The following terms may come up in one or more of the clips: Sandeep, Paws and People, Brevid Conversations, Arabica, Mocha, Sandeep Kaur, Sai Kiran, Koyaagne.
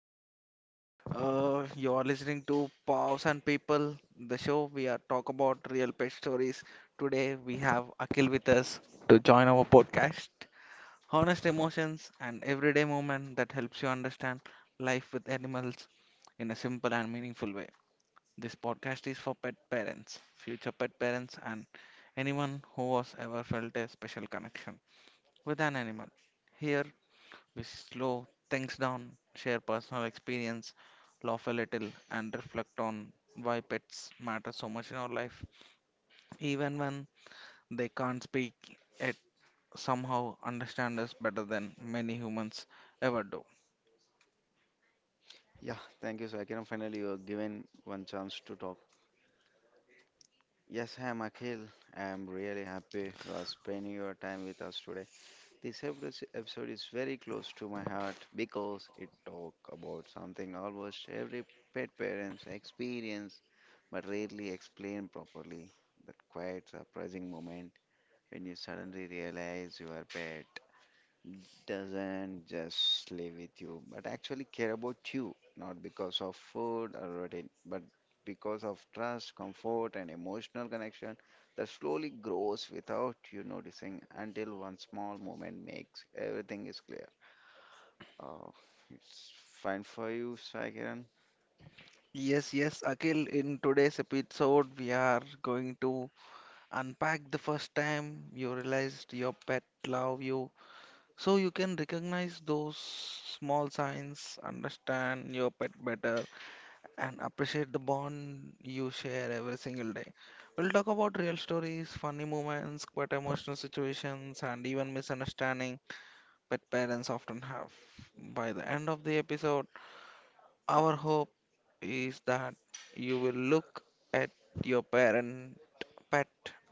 Akhil. You're listening to Paws and People, the show we are talk about real pet stories. Today we have Akhil with us to join our podcast. Honest emotions and everyday moment that helps you understand life with animals in a simple and meaningful way. This podcast is for pet parents, future pet parents, and anyone who has ever felt a special connection with an animal. Here we slow things down, share personal experience, laugh a little, and reflect on why pets matter so much in our life. Even when they can't speak, it somehow understand us better than many humans ever do. I'm really happy you are spending your time with us today. This episode is very close to my heart because it talk about something almost every pet parents experience but rarely explain properly. That quiet surprising moment when you suddenly realize you are pet doesn't just live with you, but actually care about you, not because of food or routine, but because of trust, comfort, and emotional connection that slowly grows without you noticing until one small moment makes everything is clear. Oh, it's fine for you, Sai Kiran. Yes, yes, Akhil, in today's episode, we are going to unpack the first time you realized your pet love you so you can recognize those small signs, understand your pet better, and appreciate the bond you share every single day. We'll talk about real stories, funny moments, quite emotional situations, and even misunderstanding that parents often have. By the end of the episode, our hope is that you will look at your parent pet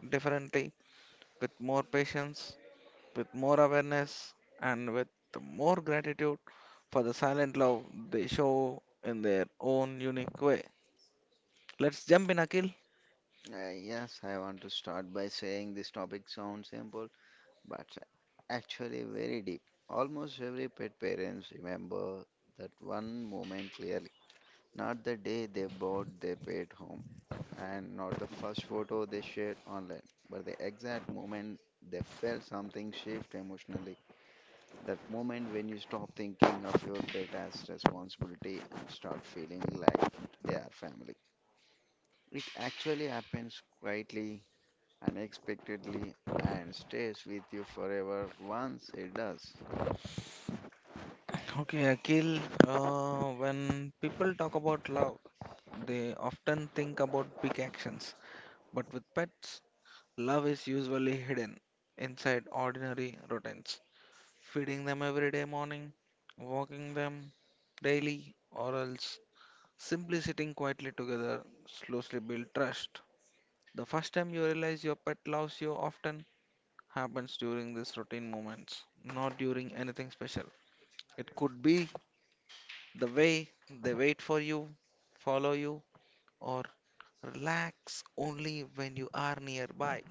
differently with more patience, with more awareness, and with more gratitude for the silent love they show in their own unique way. Let's jump in, Akhil. Yes, I want to start by saying this topic sounds simple, but actually very deep. Almost every pet parents remember that one moment clearly. Not the day they bought their pet home, and not the first photo they shared online, but the exact moment they felt something shift emotionally. That moment when you stop thinking of your pet as responsibility and start feeling like they are family. It actually happens quietly, unexpectedly, and stays with you forever once it does. Okay, Akhil, when people talk about love, they often think about big actions. But with pets, love is usually hidden inside ordinary routines. Feeding them every day morning, walking them daily, or else simply sitting quietly together slowly build trust. The first time you realize your pet loves you often happens during these routine moments, not during anything special. It could be the way they wait for you, follow you, or relax only when you are nearby.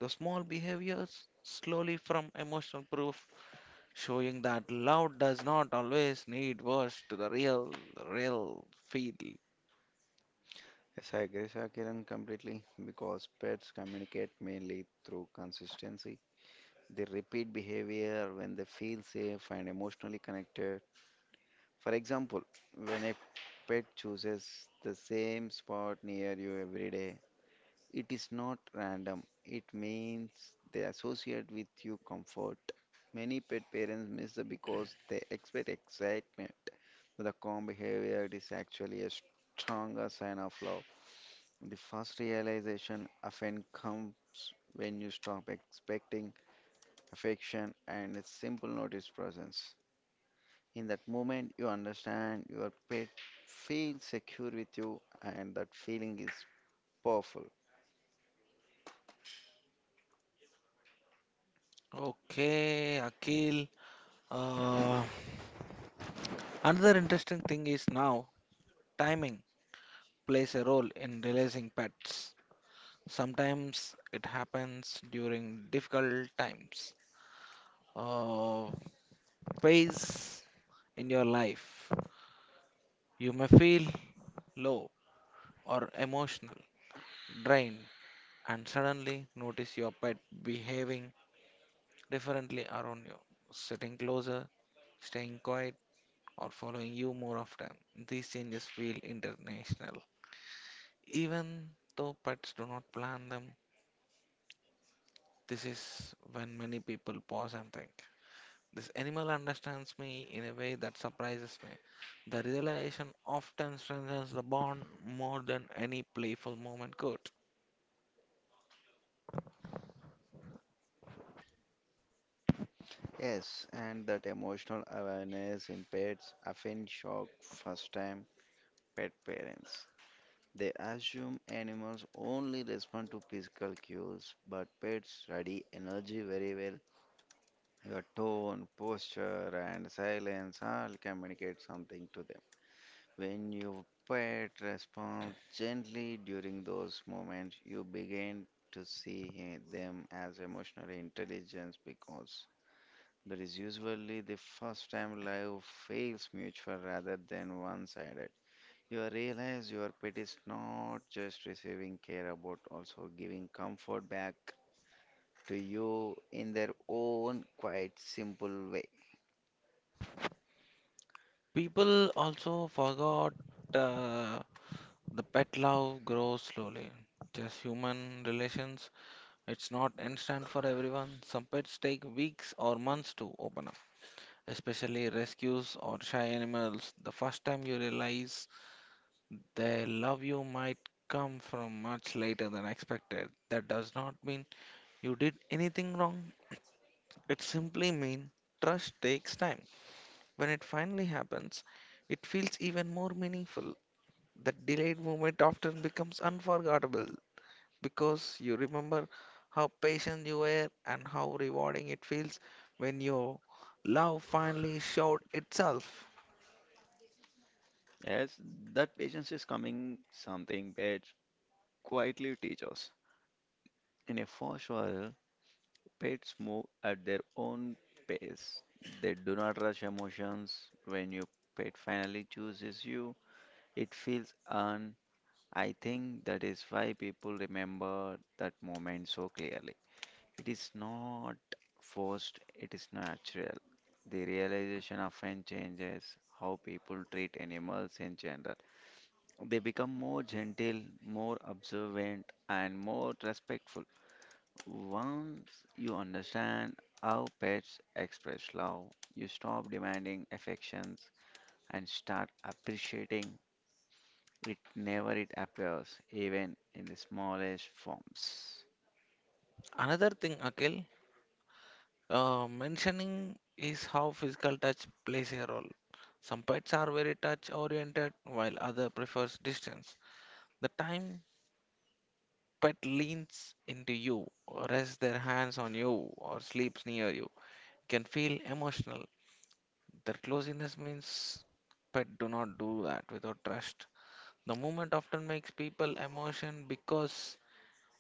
The small behaviors slowly from emotional proof, showing that love does not always need words to the real feel. Yes, I agree, Sir Kiran, completely because pets communicate mainly through consistency. They repeat behavior when they feel safe and emotionally connected. For example, when a pet chooses the same spot near you every day, it is not random. It means they associate with you comfort. Many pet parents miss the because they expect excitement. The calm behavior is actually a stronger sign of love. The first realization often comes when you stop expecting affection, and a simple notice presence. In that moment, you understand your pet feels secure with you, and that feeling is powerful. Okay, Akil. Uh, Another interesting thing is now timing plays a role in releasing pets. Sometimes it happens during difficult times. Uh, Phase in your life. You may feel low or emotional, drained, and suddenly notice your pet behaving differently around you, sitting closer, staying quiet, or following you more often. These changes feel international. Even though pets do not plan them, this is when many people pause and think. This animal understands me in a way that surprises me. The realization often strengthens the bond more than any playful moment could. Yes, and that emotional awareness in pets often shock first time pet parents. They assume animals only respond to physical cues, but pets study energy very well. Your tone, posture, and silence all communicate something to them. When your pet responds gently during those moments, you begin to see them as emotionally intelligent because that is usually the first time love feels mutual rather than one-sided. You realize your pet is not just receiving care but also giving comfort back to you in their own quite simple way. People also forgot uh, the pet love grows slowly. Just human relations, it's not instant for everyone. Some pets take weeks or months to open up, especially rescues or shy animals. The first time you realize their love you might come from much later than expected. That does not mean you did anything wrong. It simply means trust takes time. When it finally happens, it feels even more meaningful. That delayed moment often becomes unforgettable because you remember how patient you were and how rewarding it feels when your love finally showed itself. Yes, that patience is coming something pets quietly teaches. In a fast world, pets move at their own pace. They do not rush emotions. When your pet finally chooses you, it feels earned. I think that is why people remember that moment so clearly. It is not forced, it is natural. The realization often changes how people treat animals in general. They become more gentle, more observant, and more respectful. Once you understand how pets express love, you stop demanding affections and start appreciating it whenever it appears, even in the smallest forms. Another thing, Akhil, mentioning is how physical touch plays a role. Some pets are very touch oriented while other prefers distance. The time pet leans into you or rests their hands on you or sleeps near you can feel emotional. Their closeness means pet do not do that without trust. The movement often makes people emotion because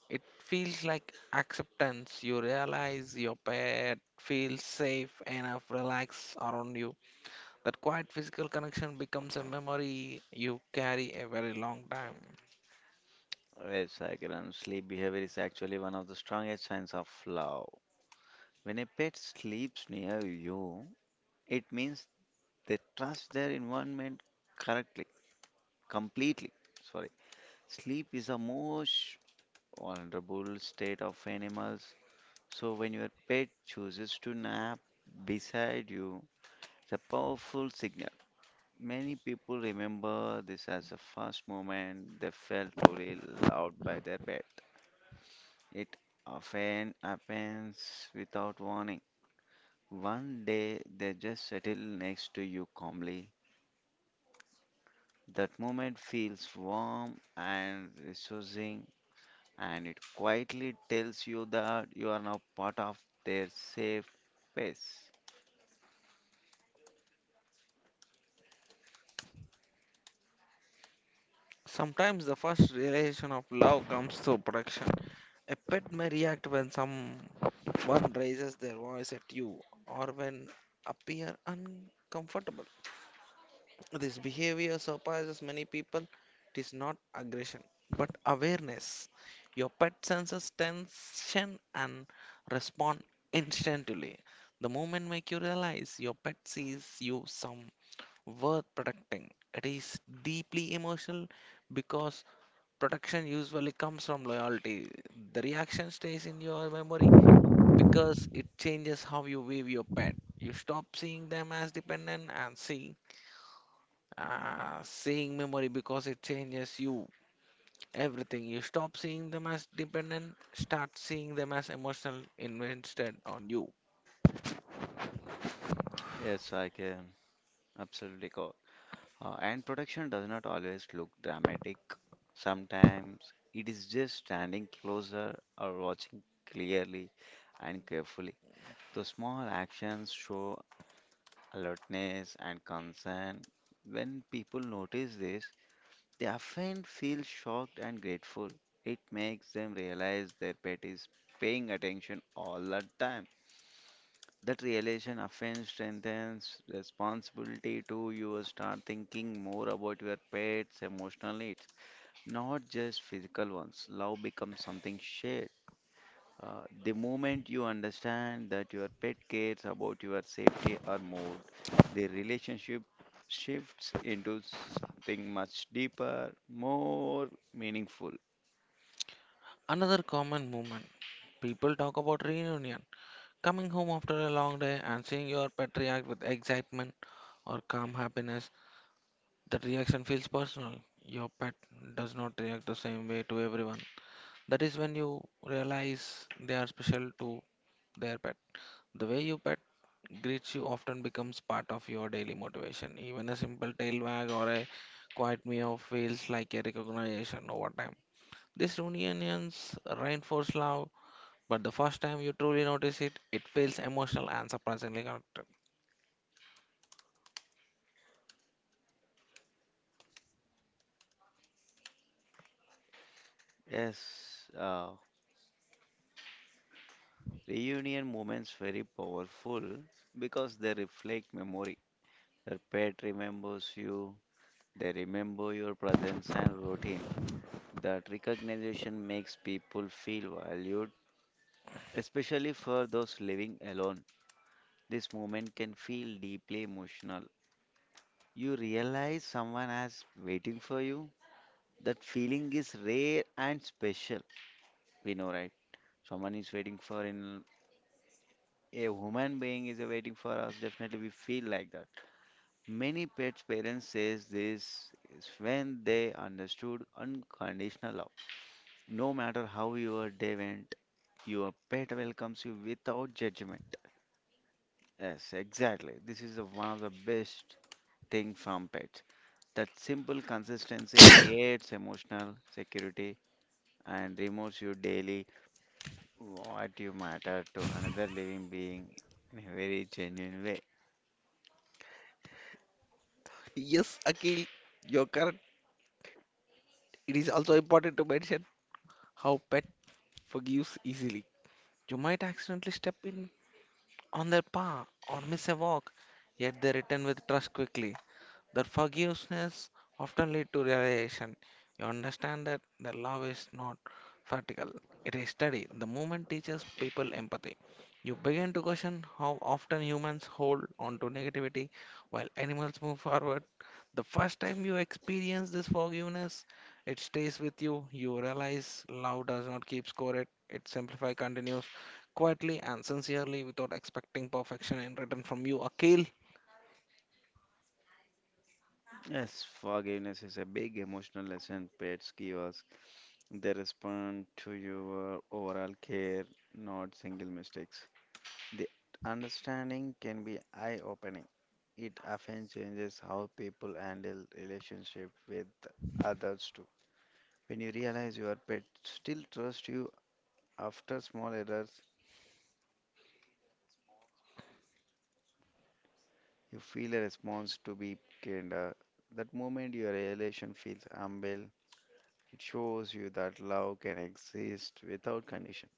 it feels like acceptance. You realize your pet feels safe enough, relax around you. That quiet physical connection becomes a memory you carry a very long time. Yes, I can. And sleep behavior is actually one of the strongest signs of love. When a pet sleeps near you, it means they trust their environment correctly, completely. Sorry. Sleep is the most vulnerable state of animals. So, when your pet chooses to nap beside you, it's a powerful signal. Many people remember this as the first moment they felt truly loved by their pet. It often happens without warning. One day they just settle next to you calmly. That moment feels warm and resourcing, and it quietly tells you that you are now part of their safe space. Sometimes the first realization of love comes through protection. A pet may react when someone raises their voice at you or when appear uncomfortable. This behavior surprises many people. It is not aggression, but awareness. Your pet senses tension and respond instantly. The moment make you realize your pet sees you some worth protecting. It is deeply emotional because protection usually comes from loyalty. The reaction stays in your memory because it changes how you view your pet. You stop seeing them as dependent and see seeing memory because it changes you everything. You stop seeing them as dependent, start seeing them as emotional invested on you. Yes, I can. Absolutely correct. And protection does not always look dramatic. Sometimes it is just standing closer or watching clearly and carefully. The small actions show alertness and concern. When people notice this, they often feel shocked and grateful. It makes them realize their pet is paying attention all the time. That realization often strengthens responsibility too. You start thinking more about your pet's emotional needs, not just physical ones. Love becomes something shared. The moment you understand that your pet cares about your safety or mood, the relationship shifts into something much deeper, more meaningful. Another common movement people talk about reunion. Coming home after a long day and seeing your pet react with excitement or calm happiness, that reaction feels personal. Your pet does not react the same way to everyone. That is when you realize they are special to their pet. The way your pet greets you often becomes part of your daily motivation. Even a simple tail wag or a quiet meow feels like a recognition over time. These reunions reinforce love, but the first time you truly notice it, it feels emotional and surprisingly connected. Yes, reunion moments very powerful because they reflect memory. Your pet remembers you, they remember your presence and routine. That recognition makes people feel valued, especially for those living alone. This moment can feel deeply emotional. You realize someone is waiting for you. That feeling is rare and special. We know, right? Someone is waiting for in a human being is waiting for us. Definitely, we feel like that. Many pets parents says this is when they understood unconditional love. No matter how your day went, your pet welcomes you without judgment. Yes, exactly. This is the one of the best thing from pets. That simple consistency creates emotional security and removes you daily what you matter to another living being in a very genuine way. Yes, Akhil, you're correct. It is also important to mention how pet forgives easily. You might accidentally step in on their paw or miss a walk, yet they return with trust quickly. That forgiveness often lead to realization. You understand that the love is not vertical; it is steady. The movement teaches people empathy. You begin to question how often humans hold on to negativity while animals move forward. The first time you experience this forgiveness, it stays with you. You realize love does not keep score; it simplifies, continues quietly and sincerely without expecting perfection in return from you, Akil. Yes, forgiveness is a big emotional lesson pets give us. They respond to your overall care, not single mistakes. The understanding can be eye-opening. It often changes how people handle relationship with others too. When you realize your pet still trusts you after small errors, you feel a response to be kinder. That moment your relation feels humble. It shows you that love can exist without condition.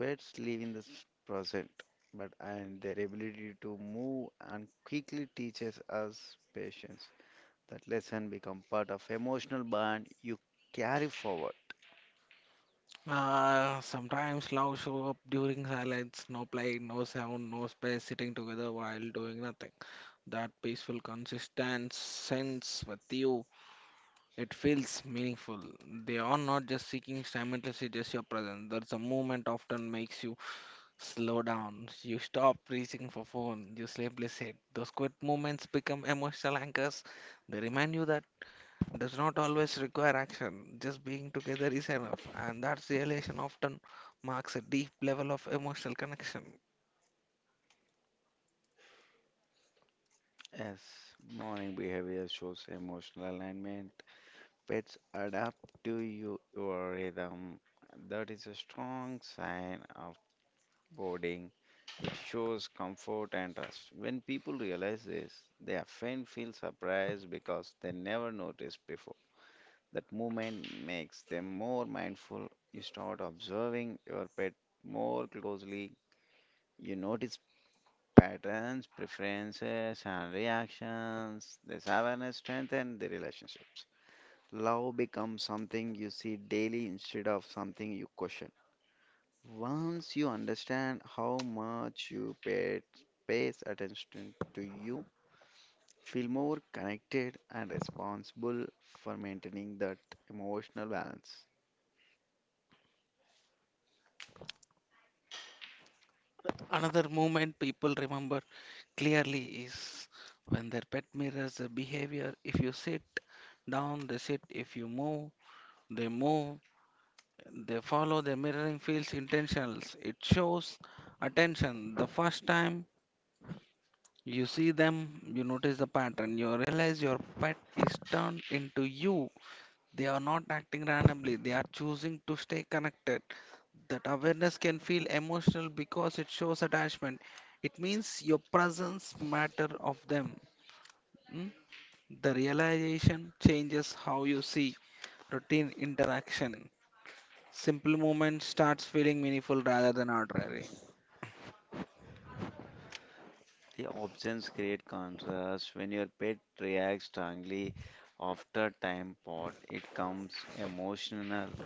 Pets live in the present, but and their ability to move and quickly teaches us patience. That lesson become part of emotional bond you carry forward. Sometimes love show up during silence, no play, no sound, no space, sitting together while doing nothing. That peaceful, consistent sense with you, it feels meaningful. They are not just seeking simultaneously just your presence. There's a moment often makes you slow down. You stop reaching for phone. You sleepily sit. Those quiet moments become emotional anchors. They remind you that does not always require action. Just being together is enough, and that realization often marks a deep level of emotional connection. Yes, morning behavior shows emotional alignment. Pets adapt to you, your rhythm. That is a strong sign of boarding. It shows comfort and trust. When people realize this, they often feel surprised because they never noticed before. That movement makes them more mindful. You start observing your pet more closely. You notice patterns, preferences, and reactions. This awareness strengthens the relationships. Love becomes something you see daily instead of something you question. Once you understand how much your pet pays attention to you, feel more connected and responsible for maintaining that emotional balance. Another moment people remember clearly is when their pet mirrors their behavior. If you sit down, they sit. If you move. They follow the mirroring feels intentional. It shows attention. The first time you see them, you notice the pattern. You realize your pet is turned into you. They are not acting randomly, they are choosing to stay connected. That awareness can feel emotional because it shows attachment. It means your presence matter of them. mm? The realization changes how you see routine interaction. Simple movement starts feeling meaningful rather than arbitrary. The options create contrast. When your pet reacts strongly after time pot, it comes emotional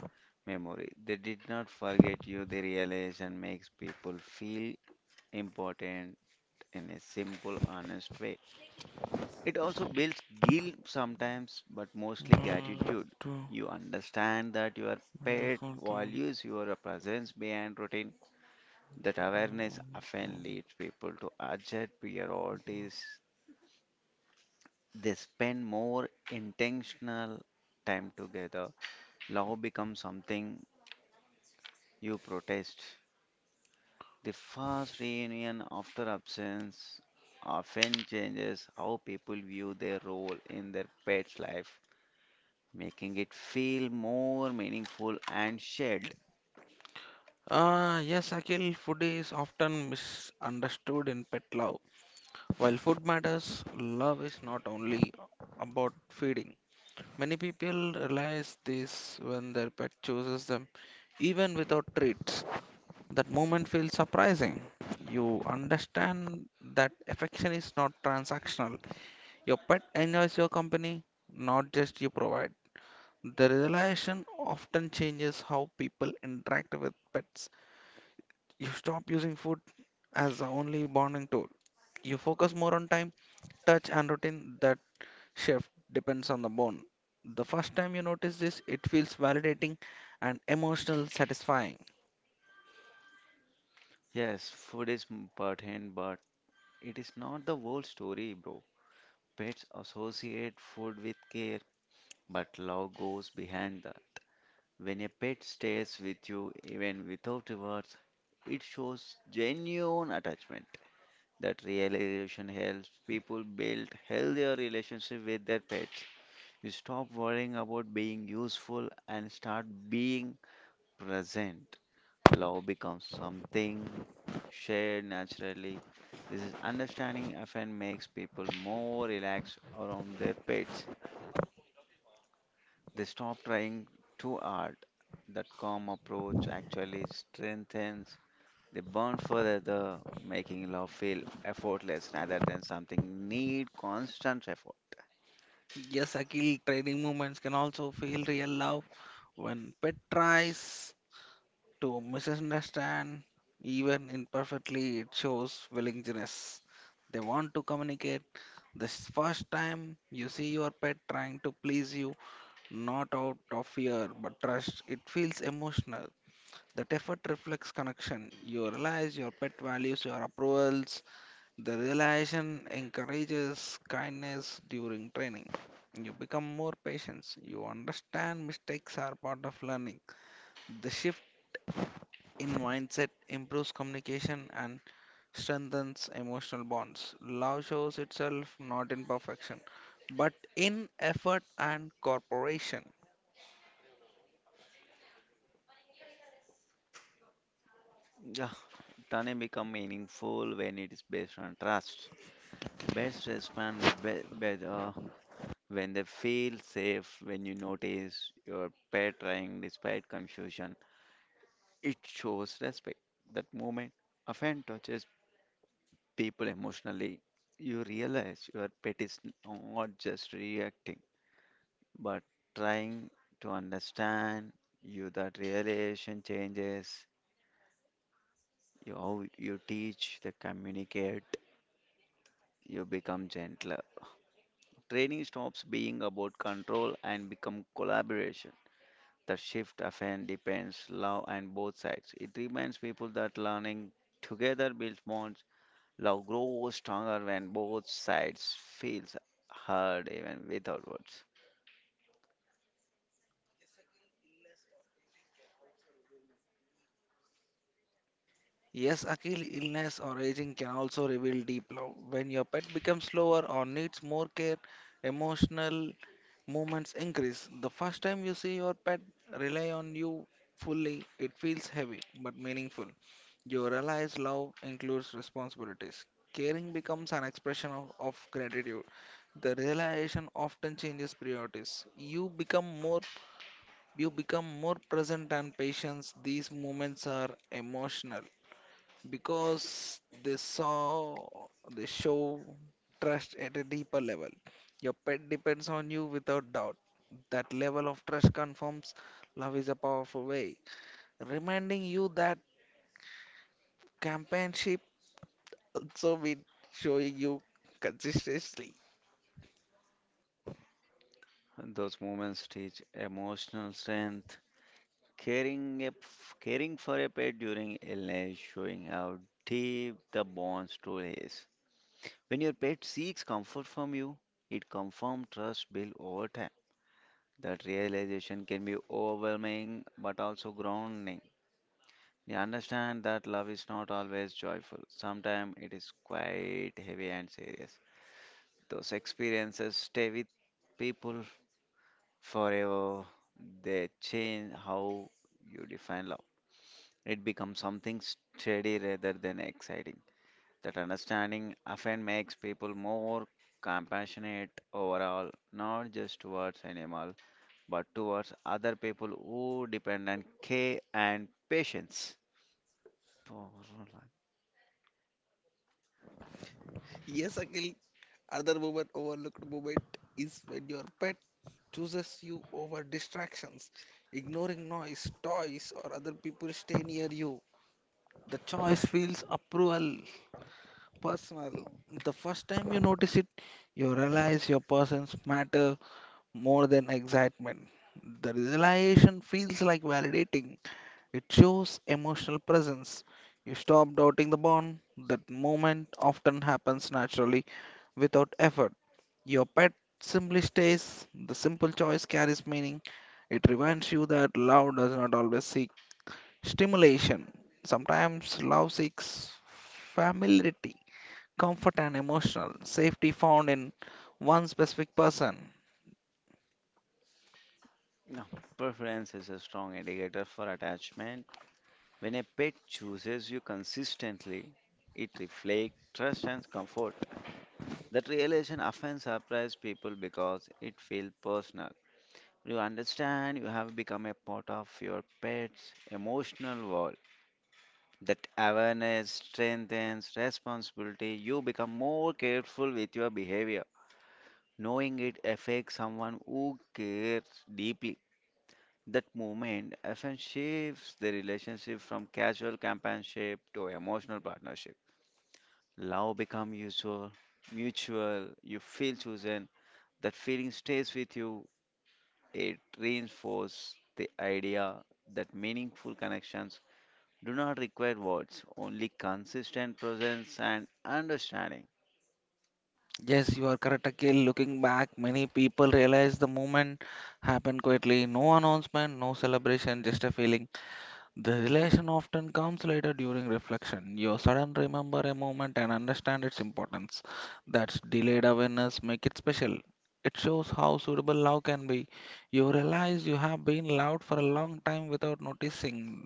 memory. They did not forget you. The realization makes people feel important in a simple, honest way. It also builds guilt sometimes, but mostly Mm, gratitude. to- You understand that your pet to- to- to- values your presence behind routine. That awareness to- often leads people to adjust priorities. They spend more intentional time together. Love becomes something you protest. The first reunion after absence often changes how people view their role in their pet's life, making it feel more meaningful and shared. yes, Akhil, food is often misunderstood in pet love. While food matters, love is not only about feeding. Many people realize this when their pet chooses them, even without treats. That moment feels surprising. You understand that affection is not transactional. Your pet enjoys your company, not just you provide. The realization often changes how people interact with pets. You stop using food as the only bonding tool. You focus more on time, touch, and routine that shift depends on the bone. The first time you notice this, it feels validating and emotional satisfying. Yes, food is important, but it is not the whole story, bro. Pets associate food with care, but love goes behind that. When a pet stays with you even without words, it shows genuine attachment. That realization helps people build healthier relationship with their pets. You stop worrying about being useful and start being present. Love becomes something shared naturally. This is understanding often makes people more relaxed around their pets. They stop trying too hard. That calm approach actually strengthens the bond further, making love feel effortless rather than something need constant effort. Yes, Akil, trading movements can also feel real love when pet tries to misunderstand, even imperfectly, it shows willingness. They want to communicate. This first time you see your pet trying to please you, not out of fear but trust, it feels emotional. That effort reflects connection. You realize your pet values your approvals. The realization encourages kindness during training. You become more patient. You understand mistakes are part of learning. The shift in mindset improves communication and strengthens emotional bonds. Love shows itself not in perfection, but in effort and cooperation. Yeah, Tane become meaningful when it is based on trust. Best respond better when they feel safe, when you notice your pet trying despite confusion. It shows respect. That moment often touches people emotionally, you realize your pet is not just reacting, but trying to understand you. That realization changes you, how you teach, the communicate, you become gentler. Training stops being about control and become collaboration. The shift often depends love and both sides. It reminds people that learning together builds bonds. Love grows stronger when both sides feels heard even without words. Yes, Akil, illness or aging can also reveal deep love. When your pet becomes slower or needs more care, emotional movements increase. The first time you see your pet rely on you fully, it feels heavy but meaningful. You realize love includes responsibilities. Caring becomes an expression of gratitude. The realization often changes priorities. You become more present and patient. These moments are emotional because they show trust at a deeper level. Your pet depends on you without doubt. That level of trust confirms love is a powerful way. Reminding you that companionship also means showing you consistently. Those moments teach emotional strength. Caring, a, Caring for a pet during illness, showing how deep the bond truly is. When your pet seeks comfort from you, it confirms trust built over time. That realization can be overwhelming but also grounding. They understand that love is not always joyful. Sometimes it is quite heavy and serious. Those experiences stay with people forever. They change how you define love. It becomes something steady rather than exciting. That understanding often makes people more compassionate overall, not just towards animals, but towards other people who depend on care and patience. Yes, Akhil, other moment overlooked moment is when your pet chooses you over distractions, ignoring noise, toys, or other people stay near you. The choice feels approval, personal. The first time you notice it, you realize your persons matter more than excitement. The realization feels like validating. It shows emotional presence. You stop doubting the bond. That moment often happens naturally without effort. Your pet simply stays. The simple choice carries meaning. It reminds you that love does not always seek stimulation. Sometimes love seeks familiarity, comfort, and emotional safety found in one specific person. No, preference is a strong indicator for attachment. When a pet chooses you consistently, it reflects trust and comfort. That realization often surprises people because it feels personal. You understand you have become a part of your pet's emotional world. That awareness strengthens responsibility. You become more careful with your behavior, knowing it affects someone who cares deeply. That moment often shifts the relationship from casual companionship to emotional partnership. Love become usual, mutual, you feel chosen. That feeling stays with you. It reinforces the idea that meaningful connections do not require words, only consistent presence and understanding. Yes, you are correct, Akhil. Looking back, many people realize the moment happened quietly. No announcement, no celebration, just a feeling. The relation often comes later during reflection. You suddenly remember a moment and understand its importance. That's delayed awareness make it special. It shows how suitable love can be. You realize you have been loved for a long time without noticing.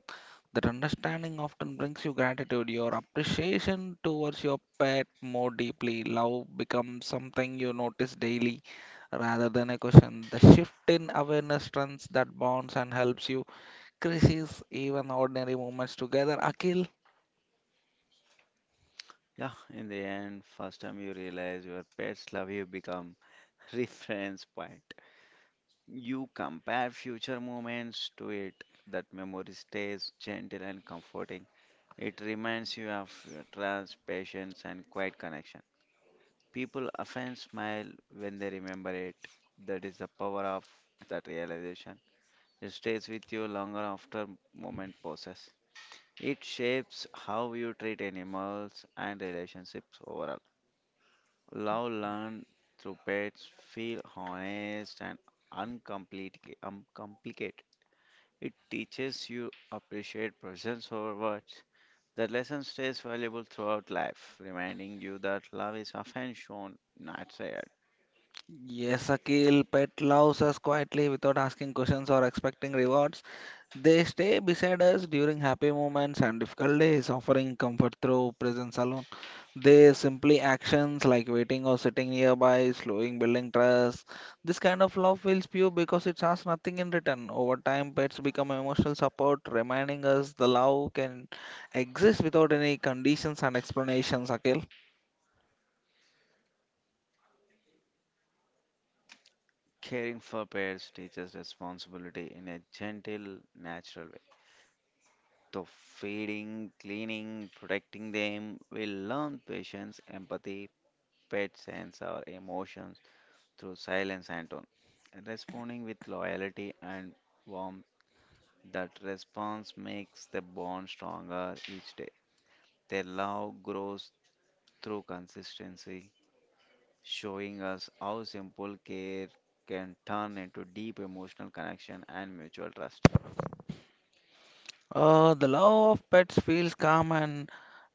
That understanding often brings you gratitude, your appreciation towards your pet more deeply. Love becomes something you notice daily rather than a question. The shift in awareness strengthens that bonds and helps you crisis, even ordinary moments together. Akil? Yeah, in the end, first time you realize your pets love you become reference point. You compare future moments to it. That memory stays gentle and comforting. It reminds you of your trust, patience, and quiet connection. People often smile when they remember it. That is the power of that realization. It stays with you longer after moment passes. It shapes how you treat animals and relationships overall. Love learned through pets feel honest and uncomplicated. It teaches you appreciate presence over words. The lesson stays valuable throughout life, reminding you that love is often shown, not said. Yes, Akil. Pet loves us quietly without asking questions or expecting rewards. They stay beside us during happy moments and difficult days, offering comfort through presence alone. They simply actions like waiting or sitting nearby, slowing building trust. This kind of love feels pure because it asks nothing in return. Over time, pets become emotional support, reminding us the love can exist without any conditions and explanations, Akil. Caring for pets teaches responsibility in a gentle, natural way. Through feeding, cleaning, protecting them, we learn patience, empathy, pet sense our emotions through silence and tone. Responding with loyalty and warmth, that response makes the bond stronger each day. Their love grows through consistency, showing us how simple care can turn into deep emotional connection and mutual trust. The love of pets feels calm and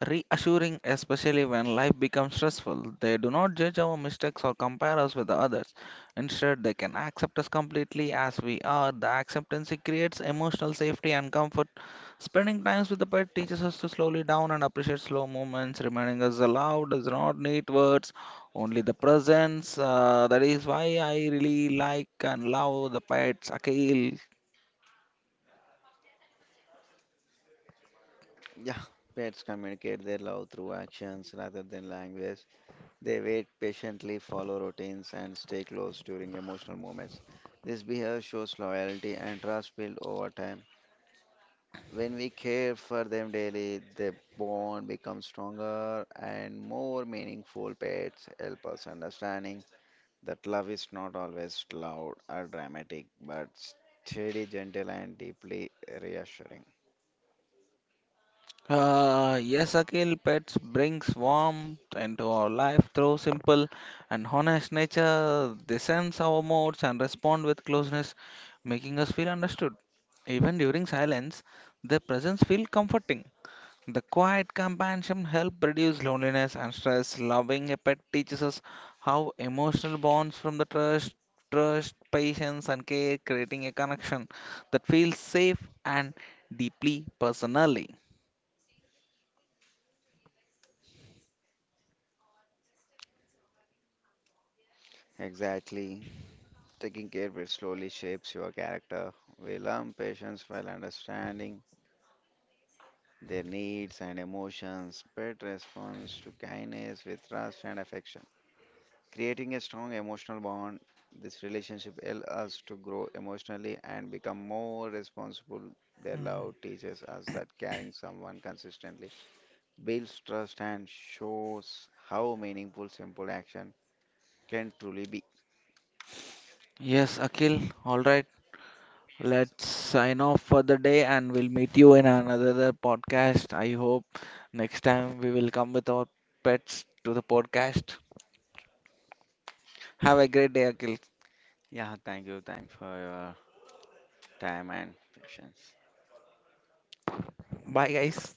reassuring, especially when life becomes stressful. They do not judge our mistakes or compare us with others. Instead, they can accept us completely as we are. The acceptance creates emotional safety and comfort. Spending time with the pet teaches us to slowly down and appreciate slow moments, reminding us the love does not need words, only the presence. That is why I really like and love the pets, Akil. Yeah, pets communicate their love through actions rather than language. They wait patiently, follow routines, and stay close during emotional moments. This behavior shows loyalty and trust built over time. When we care for them daily, the bond becomes stronger and more meaningful. Pets help us understanding that love is not always loud or dramatic, but steady, gentle, and deeply reassuring. Yes, Akhil, pets brings warmth into our life through simple and honest nature. They sense our moods and respond with closeness, making us feel understood. Even during silence, their presence feels comforting. The quiet companionship helps reduce loneliness and stress. Loving a pet teaches us how emotional bonds from the trust, patience, and care, creating a connection that feels safe and deeply personally. Exactly. Taking care of it slowly shapes your character. We learn patience while understanding their needs and emotions. Pet responds to kindness with trust and affection, creating a strong emotional bond. This relationship helps us to grow emotionally and become more responsible. Their love teaches us that caring someone consistently builds trust and shows how meaningful simple action can truly be. Yes, Akhil. All right. Let's sign off for the day and we'll meet you in another podcast. I hope next time we will come with our pets to the podcast. Have a great day, Akhil. Yeah, thank you. Thanks for your time and patience. Bye, guys.